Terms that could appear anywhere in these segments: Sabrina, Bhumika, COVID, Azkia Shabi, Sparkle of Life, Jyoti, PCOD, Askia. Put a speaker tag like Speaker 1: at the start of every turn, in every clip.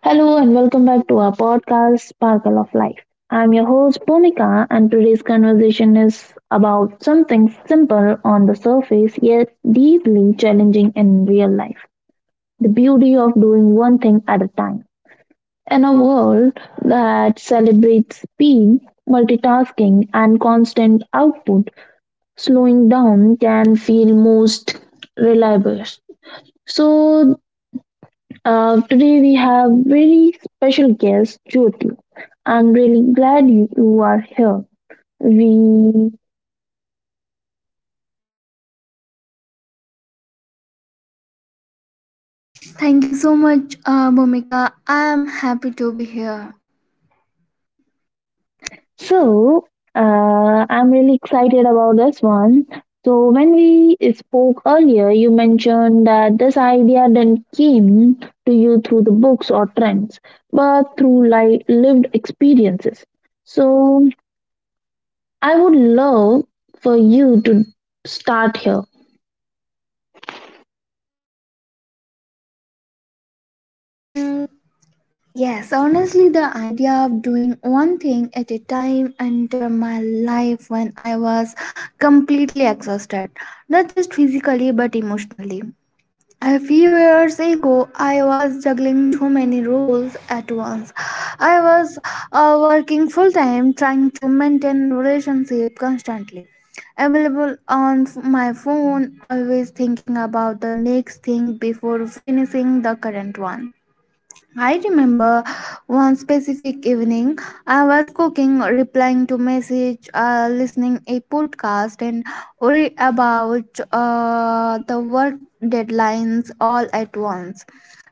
Speaker 1: Hello and welcome back to our podcast, Sparkle of Life. I'm your host, Bhumika, and today's conversation is about something simple on the surface yet deeply challenging in real life, the beauty of doing one thing at a time. In a world that celebrates speed, multitasking, and constant output, slowing down can feel most reliable. So, Today we have very special guest Jyoti. I'm really glad you are here. We
Speaker 2: Thank you so much, Bhumika. I am happy to be here.
Speaker 1: so I'm really excited about this one. So when we spoke earlier, you mentioned that this idea then came to you through the books or trends, but through like lived experiences. So I would love for you to start here.
Speaker 2: Mm, yes, honestly, the idea of doing one thing at a time entered my life when I was completely exhausted, not just physically but emotionally. A few years ago, I was juggling too many roles at once. I was working full time, trying to maintain relationship constantly, available on my phone, always thinking about the next thing before finishing the current one. I remember one specific evening I was cooking, replying to message, listening a podcast and worry about the work deadlines all at once.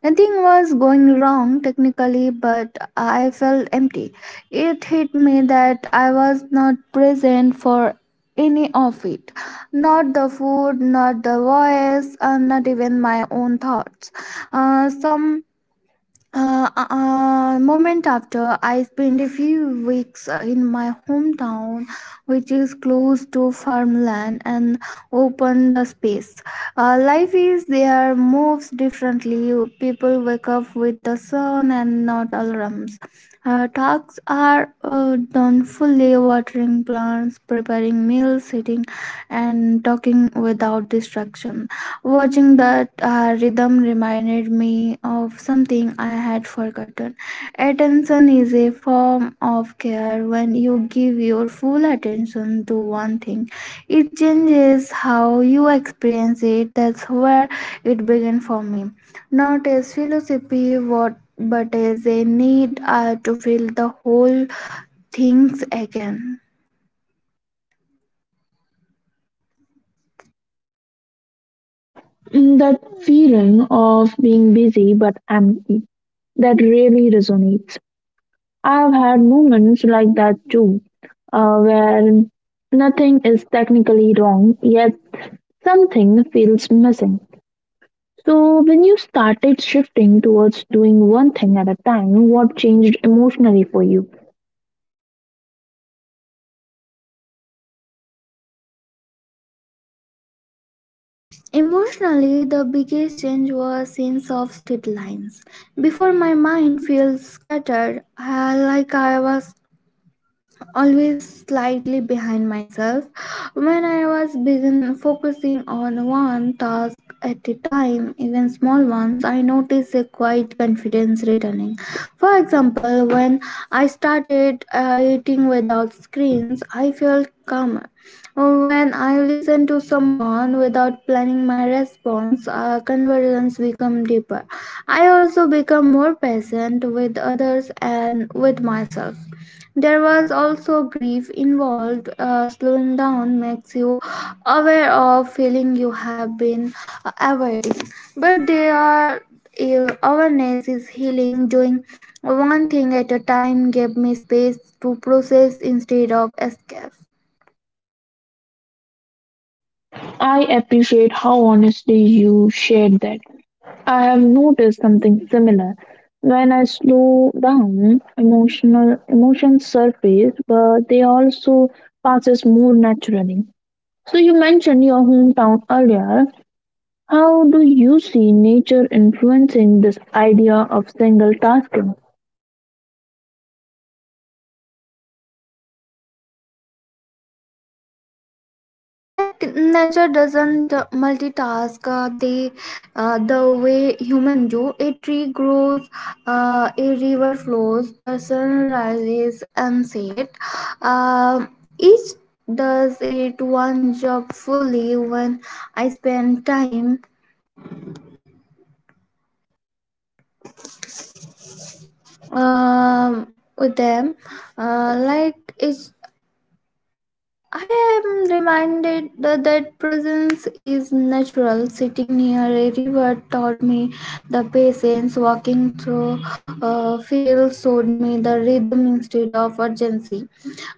Speaker 2: Nothing was going wrong technically, but I felt empty. It hit me that I was not present for any of it. Not the food, not the voice, and not even my own thoughts. Some Moment after, I spent a few weeks in my hometown, which is close to farmland and open the space. Life is there, moves differently. People wake up with the sun and not alarms. Tasks are done fully, watering plants, preparing meals, sitting, and talking without distraction. Watching that rhythm reminded me of something I had forgotten. Attention is a form of care. When you give your full attention to one thing, it changes how you experience it. That's where it began for me. Not as philosophy, what, but as a need to feel the whole things again.
Speaker 1: That feeling of being busy but empty, that really resonates. I've had moments like that too, where nothing is technically wrong, yet something feels missing. So, when you started shifting towards doing one thing at a time, what changed emotionally for you?
Speaker 2: Emotionally, the biggest change was sense of deadlines. Before my mind felt scattered, like I was always slightly behind myself when I was begin focusing on one task at a time, even small ones. I noticed a quiet confidence returning. For example, when I started eating without screens, I felt calmer. When I listen to someone without planning my response, conversations become deeper. I also become more patient with others and with myself. There was also grief involved. Slowing down makes you aware of feeling you have been avoiding, but there are awareness is healing. Doing one thing at a time gave me space to process instead of escape.
Speaker 1: I appreciate how honestly you shared that. I have noticed something similar. When I slow down, emotional emotions surface, but they also passes more naturally. So you mentioned your hometown earlier. How do you see nature influencing this idea of single tasking?
Speaker 2: Mm, like nature doesn't multitask, the way human do. A tree grows, a river flows, the sun rises and set. uh, each does it one job fully. When I spend time um with them, like it I am reminded that, that presence is natural. Sitting near a river taught me the patience. Walking through fields showed me the rhythm instead of urgency.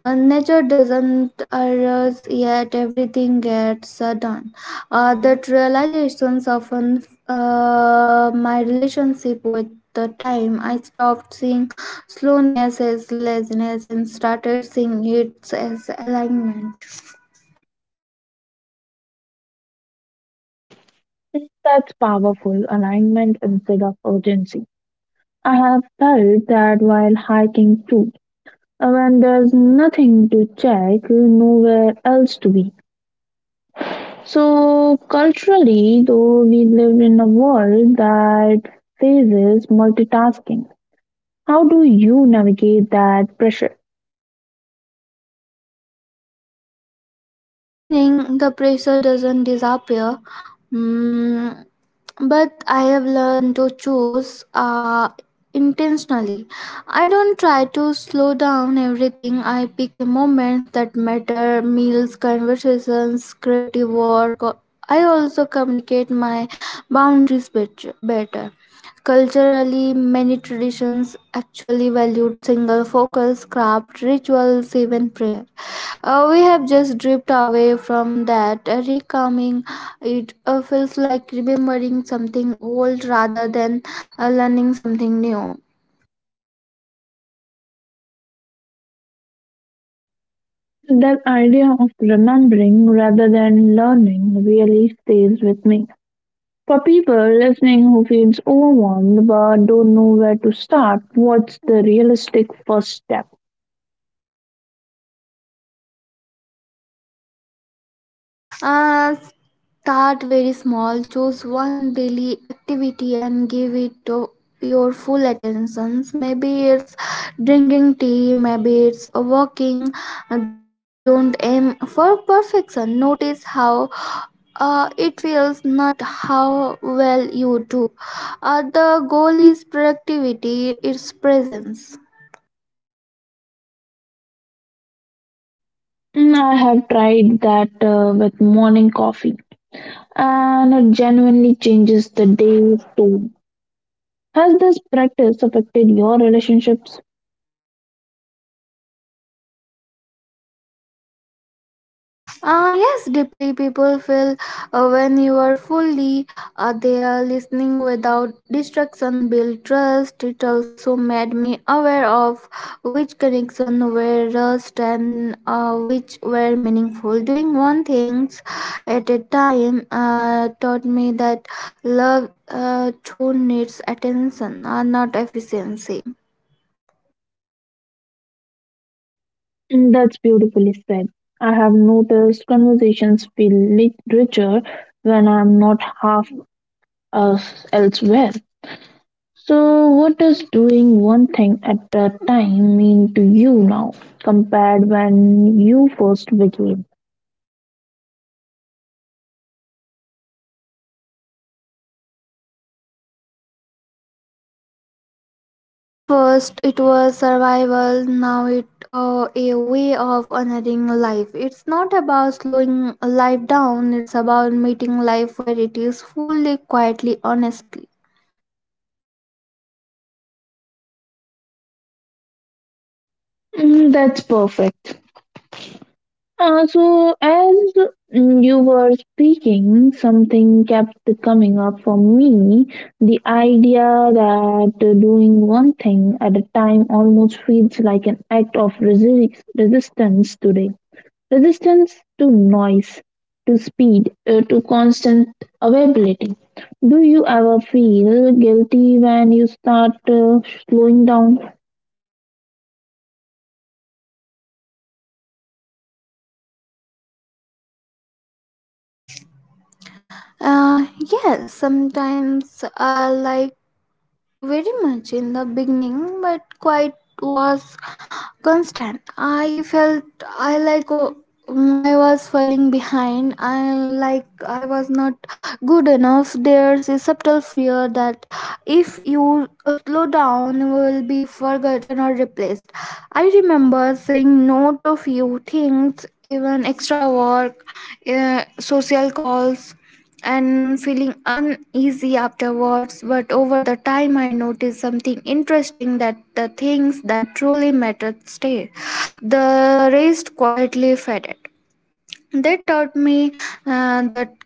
Speaker 2: Nature doesn't arise, yet everything gets sudden. That realization softened my relationship with the time. I stopped seeing slowness as laziness and started seeing it as alignment.
Speaker 1: That's powerful alignment instead of urgency. I have felt that while hiking too. When there's nothing to check, nowhere else to be. So, culturally, though, we live in a world that faces multitasking. How do you navigate that pressure?
Speaker 2: Ah, it's challenging. The pressure doesn't disappear. Mm, but I have learned to choose intentionally. I don't try to slow down everything. I pick moments that matter: meals, conversations, creative work. I also communicate my better. Culturally, many traditions actually valued single focus, craft, rituals, even prayer. We have just dripped away from that. Recalming, it feels like remembering something old rather than learning something new.
Speaker 1: That idea of remembering rather than learning really stays with me. For people listening who feels overwhelmed but don't know where to start, what's the realistic first step?
Speaker 2: Uh, Start very small, choose one daily activity and give it to your full attention. Maybe it's drinking tea, maybe it's walking. Don't aim for perfection. Notice how it feels, not how well you do. The goal is productivity, its presence.
Speaker 1: Mm, I have tried that with morning coffee, and it genuinely changes the day's tone. Has this practice affected your relationships?
Speaker 2: Ah, yes, deeply people feel when you are fully there. Listening without distraction, build trust. It also made me aware of which connection were rust and which were meaningful. Doing one things at a time taught me that love too needs attention, not efficiency.
Speaker 1: Mm, that's beautifully said. I have noticed conversations feel richer when I'm not half us elsewhere. So, what does doing one thing at a time mean to you now compared when you first began?
Speaker 2: At first, it was survival. Now it a way of honoring life. It's not about slowing life down. It's about meeting life where it is, fully, quietly, honestly.
Speaker 1: Mm, that's perfect. So, as you were speaking, something kept coming up for me. The idea that doing one thing at a time almost feels like an act of resistance today. Resistance to noise, to speed, to constant availability. Do you ever feel guilty when you start slowing down?
Speaker 2: Yes. Sometimes I like very much in the beginning, but quite was constant. I felt, i like uh, I was falling behind. I like I was not good enough. There's a subtle fear that if you slow down, you will be forgotten or replaced. I remember saying no to few things, even extra work, social calls, and feeling uneasy afterwards. But over the time I noticed something interesting, that the things that truly mattered stayed, the rest quietly faded. That taught me that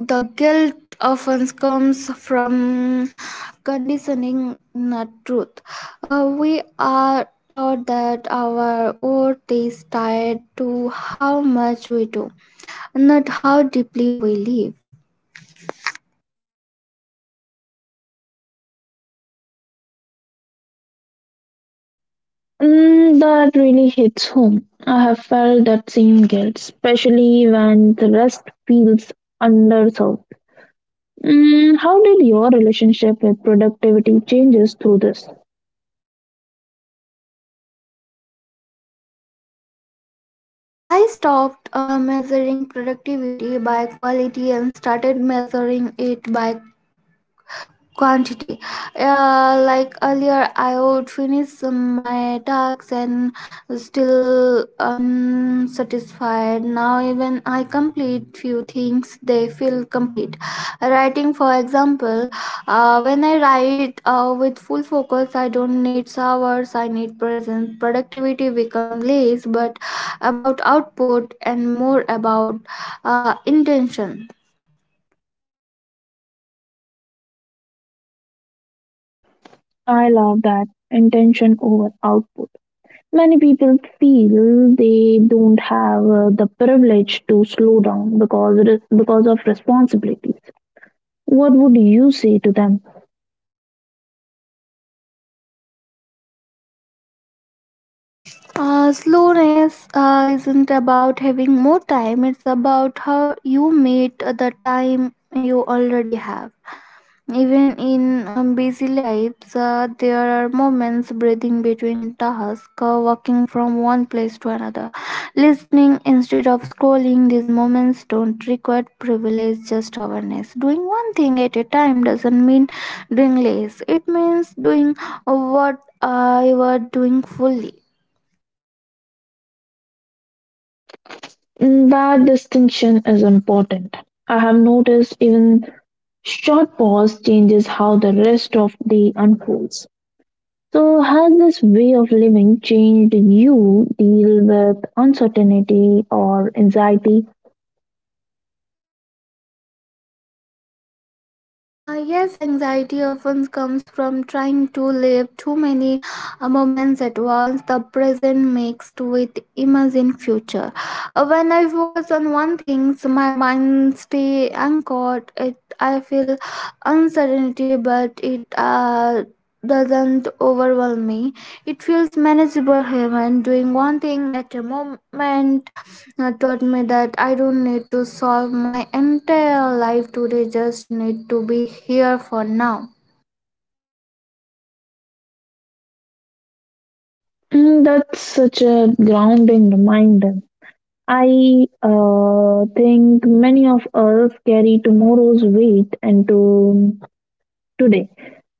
Speaker 2: the guilt often comes from conditioning, not truth. We are taught that our worth is tied to how much we do, not how deeply we live.
Speaker 1: Mm, that really hits home. I have felt that same guilt, especially when the rest feels underserved. Mm, how did your relationship with productivity changes through this?
Speaker 2: I stopped measuring productivity by quality and started measuring it by quantity. Like earlier, I would finish my tasks and still unsatisfied. Now, even I complete few things, they feel complete. Writing, for example, when I write with full focus, I don't need hours. I need presence. Productivity become less, but about output and more about intention.
Speaker 1: I love that, intention over output. Many people feel they don't have the privilege to slow down because it is because of responsibilities. What would you say to them?
Speaker 2: Slowness isn't about having more time, it's about how you meet the time you already have. Even in busy lives, there are moments breathing between tasks, walking from one place to another, listening instead of scrolling. These moments don't require privilege, just awareness. Doing one thing at a time doesn't mean doing less, it means doing what you are doing fully.
Speaker 1: Mm, that distinction is important. I have noticed even short pause changes how the rest of the unfolds. So, has this way of living changed you deal with uncertainty or anxiety?
Speaker 2: Yes, anxiety often comes from trying to live too many moments at once, the present mixed with imagined future. When I focus on one thing, so my mind stay anchored. It, I feel uncertainty, but it doesn't overwhelm me. It feels manageable here when doing one thing at a moment taught me that I don't need to solve my entire life today, just need to be here for now.
Speaker 1: Mm, that's such a grounding reminder. I think many of us carry tomorrow's weight into today.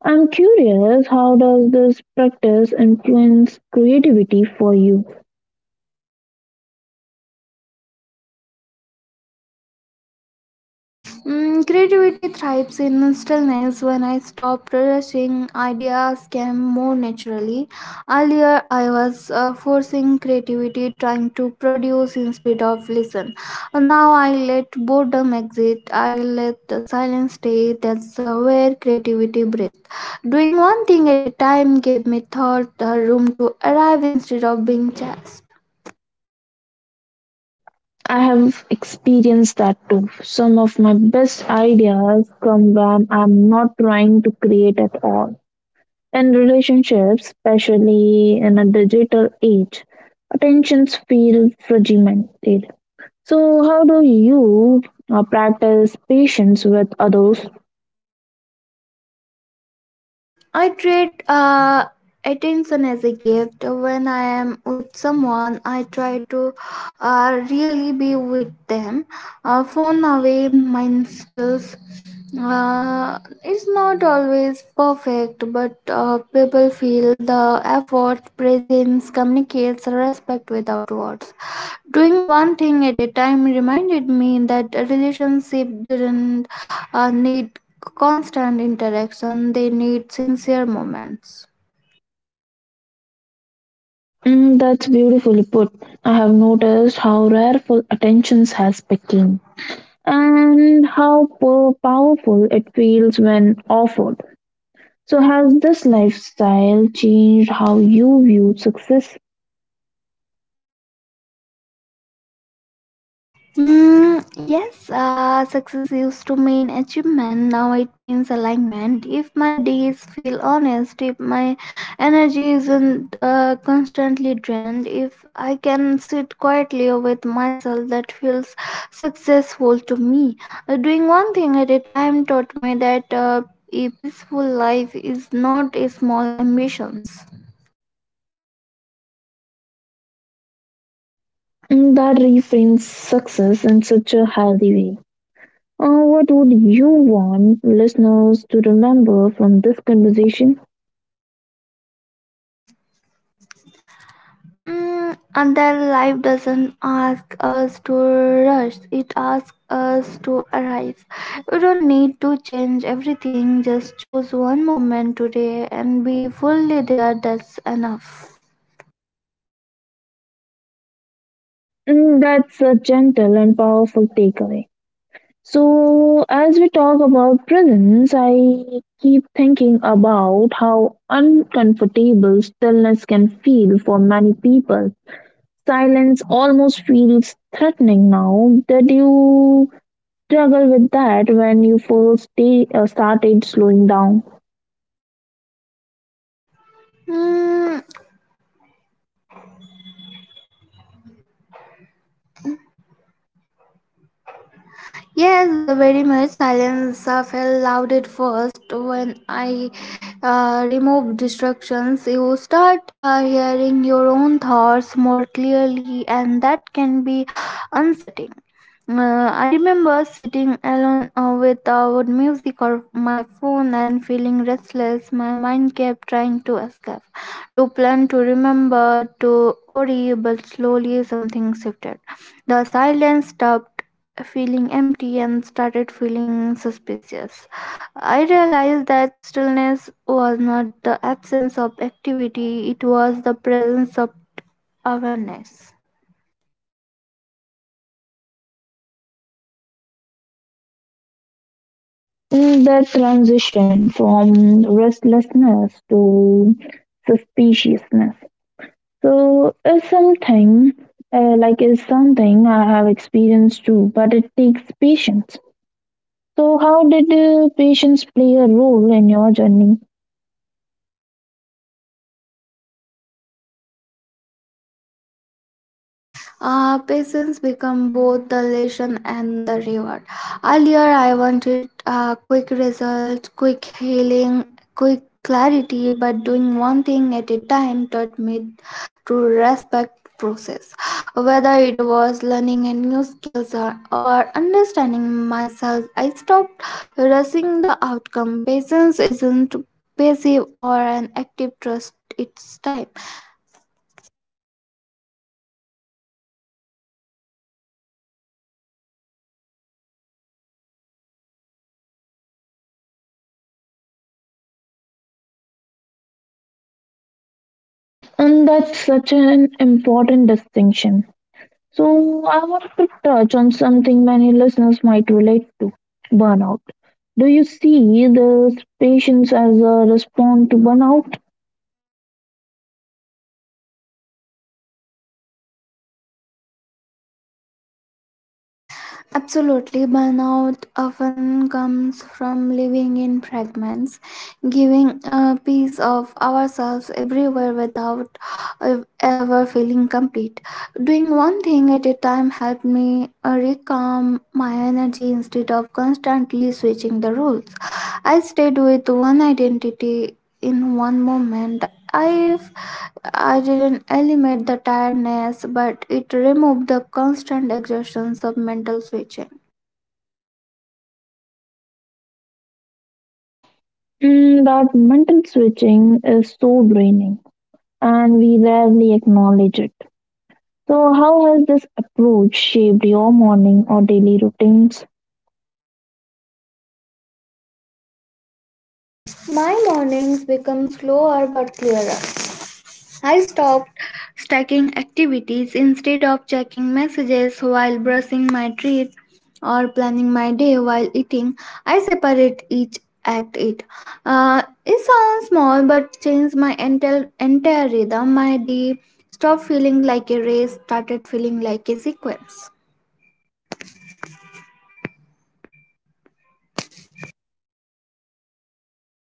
Speaker 1: I'm curious, how does this practice influence creativity for you?
Speaker 2: Mm, creativity thrives in stillness. When I stopped rushing, ideas came more naturally. Earlier, I was forcing creativity, trying to produce instead of listen. Now, I let boredom exit. I let the silence stay. That's where creativity breathes. Doing one thing at a time gave me thought room to arrive instead of being chased.
Speaker 1: I have experienced that too. Some of my best ideas come when I'm not trying to create at all. In relationships, especially in a digital age, attentions feel fragmented. So, how do you practice patience with others?
Speaker 2: I treat attention as a gift. When I am with someone, I try to really be with them. Phone away, mind stills. It's not always perfect, but people feel the effort. Presence communicates respect without words. Doing one thing at a time reminded me that a relationship didn't need constant interaction, they need sincere moments.
Speaker 1: Mm, that's beautifully put. I have noticed how rareful attention has become and how powerful it feels when offered. So, has this lifestyle changed how you view success?
Speaker 2: Mm, yes, success used to mean achievement. Now it means alignment. If my days feel honest, if my energy isn't constantly drained, if I can sit quietly with myself, that feels successful to me. Doing one thing at a time taught me that a peaceful life is not a small ambitions.
Speaker 1: Mm, that reframes success in such a healthy way. What would you want listeners to remember from this conversation?
Speaker 2: Mm, and their life doesn't ask us to rush, it asks us to arise. You don't need to change everything, just choose one moment today and be fully there, that's enough.
Speaker 1: Mm, that's a gentle and powerful takeaway. So, as we talk about prisons, I keep thinking about how uncomfortable stillness can feel for many people. Silence almost feels threatening now. Did you struggle with that when you first day, started slowing down?
Speaker 2: Mm, yes, very much. Silence felt loud at first. When I remove distractions, you start hearing your own thoughts more clearly, and that can be unsettling. I remember sitting alone without music or my phone and feeling restless. My mind kept trying to escape, to plan, to remember, to worry, but slowly something shifted. The silence stopped feeling empty and started feeling suspicious. I realized that stillness was not the absence of activity, it was the presence of awareness.
Speaker 1: Mm, the transition from restlessness to suspiciousness. So it's something is something I have experienced too, but it takes patience. So how did patience play a role in your journey?
Speaker 2: Patience become both the lesson and the reward. Earlier, I wanted quick results, quick healing, quick clarity, but doing one thing at a time taught me to respect process, whether it was learning a new skills or understanding myself. I stopped rushing the outcome. Patience isn't passive or an active trust, it's time.
Speaker 1: And that's such an important distinction. So I want to touch on something many listeners might relate to: burnout. Do you see this patience as a response to burnout?
Speaker 2: Absolutely, burnout often comes from living in fragments, giving a piece of ourselves everywhere without ever feeling complete. Doing one thing at a time helped me recalm my energy instead of constantly switching the roles. I stayed with one identity in one moment. I have I didn't eliminate the tiredness, but it removed the constant exertions of mental switching.
Speaker 1: Mm, that mental switching is so draining, and we rarely acknowledge it. So, how has this approach shaped your morning or daily routines?
Speaker 2: My mornings become slower but clearer. I stopped stacking activities, instead of checking messages while brushing my teeth or planning my day while eating. I separate each act it. It sounds small but changed my entire rhythm. My day stopped feeling like a race, started feeling like a sequence.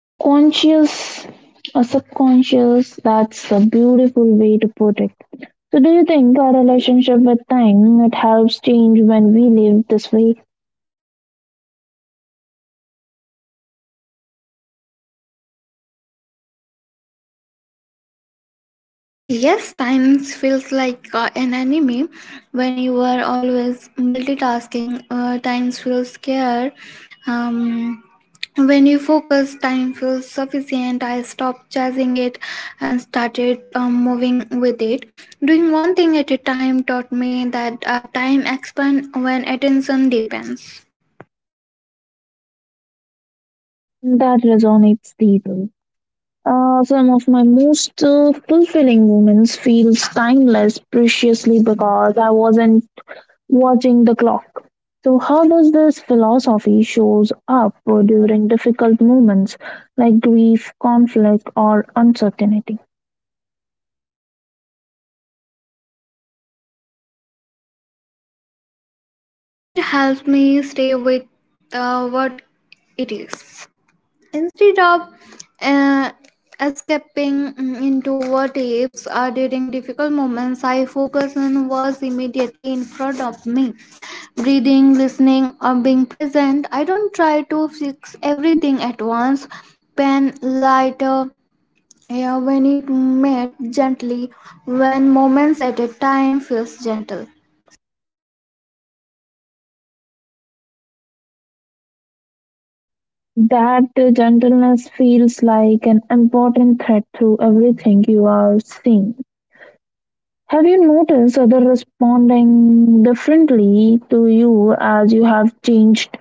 Speaker 1: Subconscious or subconscious, that's a beautiful way to put it. So, do you think our relationship with time it helps change when we live this way?
Speaker 2: Yes, time feels like an enemy when you are always multitasking. Time feels scared. Um, when you focus, time feels sufficient. I stopped chasing it and started moving with it. Doing one thing at a time taught me that time expands when attention depends.
Speaker 1: That resonates deeply. Some of my most fulfilling moments feels timeless, preciously because I wasn't watching the clock. So how does this philosophy shows up during difficult moments like grief, conflict or uncertainty?
Speaker 2: It helps me stay with what it is, instead of uh, escaping into what ifs. During difficult moments I focus on what's immediately in front of me, breathing, listening, or being present. I don't try to fix everything at once. Pen lighter, yeah, when it met gently, when moments at a time feels gentle.
Speaker 1: That gentleness feels like an important thread through everything you are seeing. Have you noticed others responding differently to you as you have changed?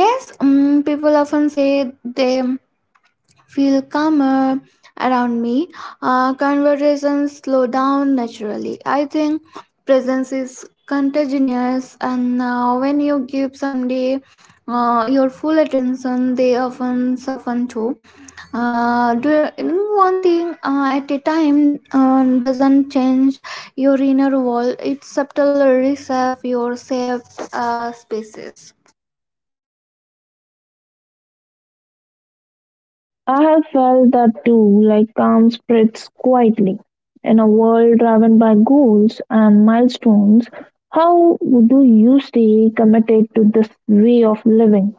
Speaker 2: Yes, mm, people often say they feel calmer around me. Conversations slow down naturally. I think presence is contagious, and when you give somebody your full attention, they often soften too. One thing at a time doesn't change your inner wall. It's subtle reshape your safe spaces.
Speaker 1: I have felt that too, like calm spreads quietly. In a world driven by goals and milestones, how do you stay committed to this way of living?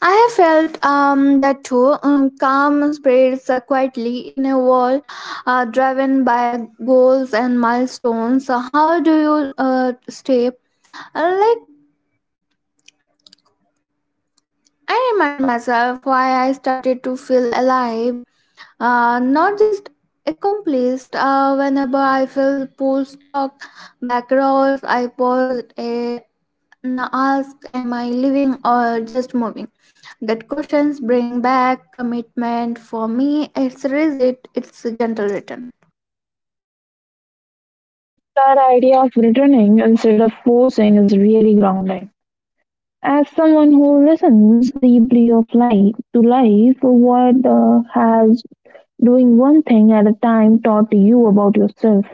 Speaker 2: I have felt that too. Calm spreads quietly in a world driven by goals and milestones. So how do you stay? Like I remind myself why I started, to feel alive, not just accomplished. Whenever I feel pull stock back, I pause, and ask, am I living or just moving? That questions bring back commitment for me. It's rigid, it's a gentle return.
Speaker 1: That idea of returning instead of forcing is really grounding. As someone who listens deeply of life to life, what has doing one thing at a time taught you about yourself?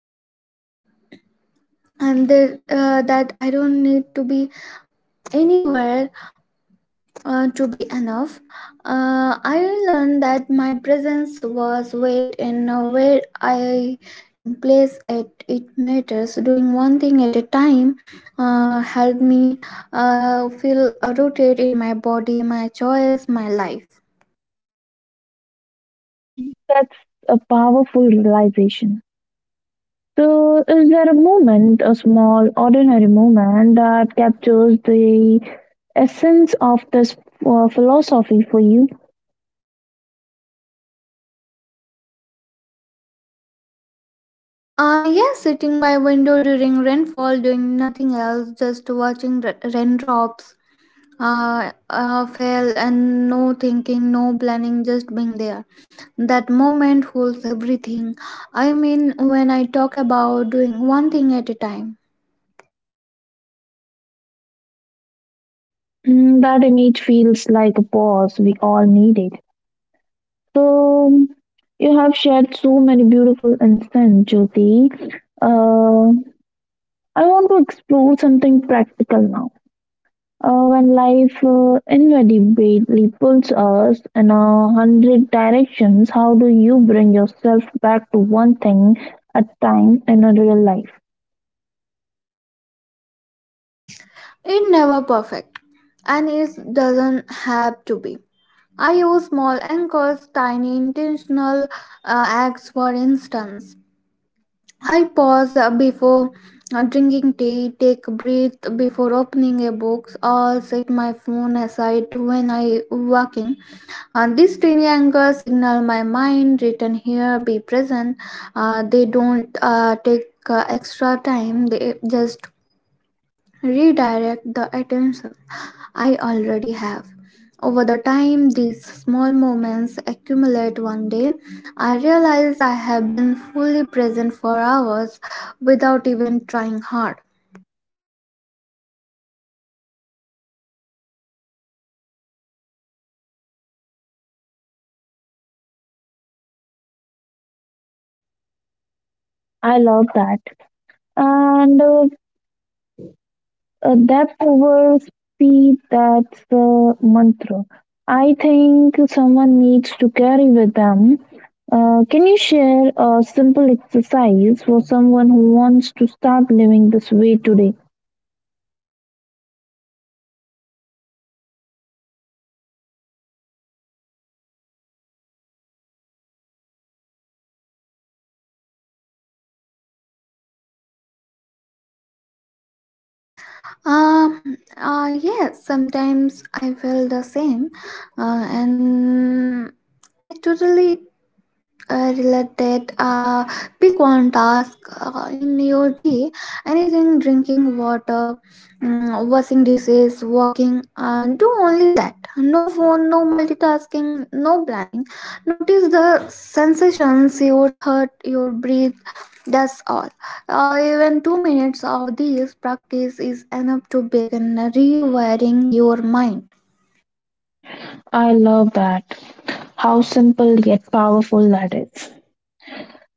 Speaker 2: Yes, that I don't need to be anywhere to be enough. I learned that my presence was weight and where I place it, it matters. Doing one thing at a time helped me feel rooted in my body, my choice, my life.
Speaker 1: That's a powerful realization. So, is there a moment, a small, ordinary moment, that captures the essence of this philosophy for you?
Speaker 2: Yes, sitting by window during rainfall, doing nothing else, just watching raindrops fail and no thinking, no planning, just being there. That moment holds everything. I mean, when I talk about doing one thing at a time,
Speaker 1: Mm, that image feels like a pause we all needed. So, you have shared so many beautiful insights, Jyoti. Uh, I want to explore something practical now. When life inevitably pulls us in a hundred directions, how do you bring yourself back to one thing at time in a real life?
Speaker 2: it never perfect, and it doesn't have to be. I use small anchors, tiny intentional acts, for instance. I pause before drinking tea, take a breath before opening a book, or set my phone aside when I walking. This triangle signal my mind written here be present. They don't take extra time. They just redirect the attention I already have. Over the time these small moments accumulate one day, I realize I have been fully present for hours without even trying hard.
Speaker 1: I love that. And Depth over speed, that's the mantra. I think someone needs to carry with them. Can you share a simple exercise for someone who wants to start living this way today?
Speaker 2: Um, yes, sometimes I feel the same, and I totally related. Pick one task in your day, anything: drinking water, washing dishes, walking. Do only that, no phone, no multitasking, no planning. Notice the sensations, your thought, your breath. That's all. Even 2 minutes of this practice is enough to begin rewiring your mind.
Speaker 1: I love that. How simple yet powerful that is.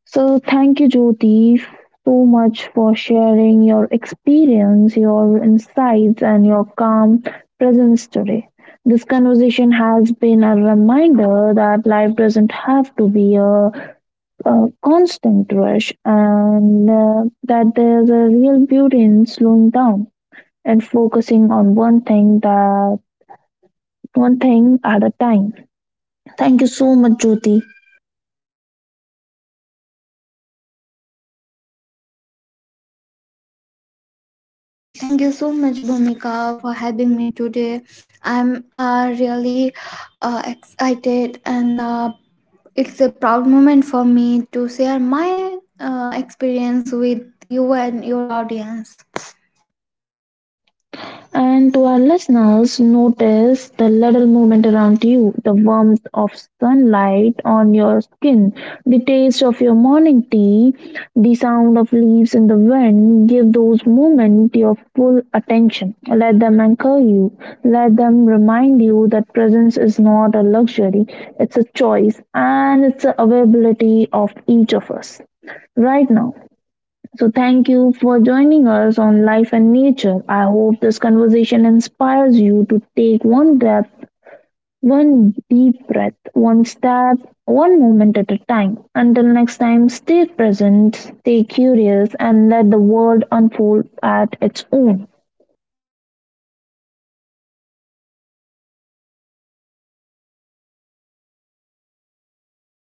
Speaker 1: So, thank you, Jyoti, so much for sharing your experience, your insights, and your calm presence today. This conversation has been a reminder that life doesn't have to be a constant rush and that there's a real beauty in slowing down and focusing on one thing at a time. Thank you so much, Jyoti.
Speaker 2: Thank you so much, Bhumika, for having me today. I'm really excited, and it's a proud moment for me to share my experience with you and your audience.
Speaker 1: And to our listeners, notice the little movement around you, the warmth of sunlight on your skin, the taste of your morning tea, the sound of leaves in the wind. Give those moments your full attention. Let them anchor you. Let them remind you that presence is not a luxury, it's a choice, and it's the availability of each of us right now. So, thank you for joining us on Life and Nature. I hope this conversation inspires you to take one breath, one deep breath, one step, one moment at a time. Until next time, stay present, stay curious, and let the world unfold at its own.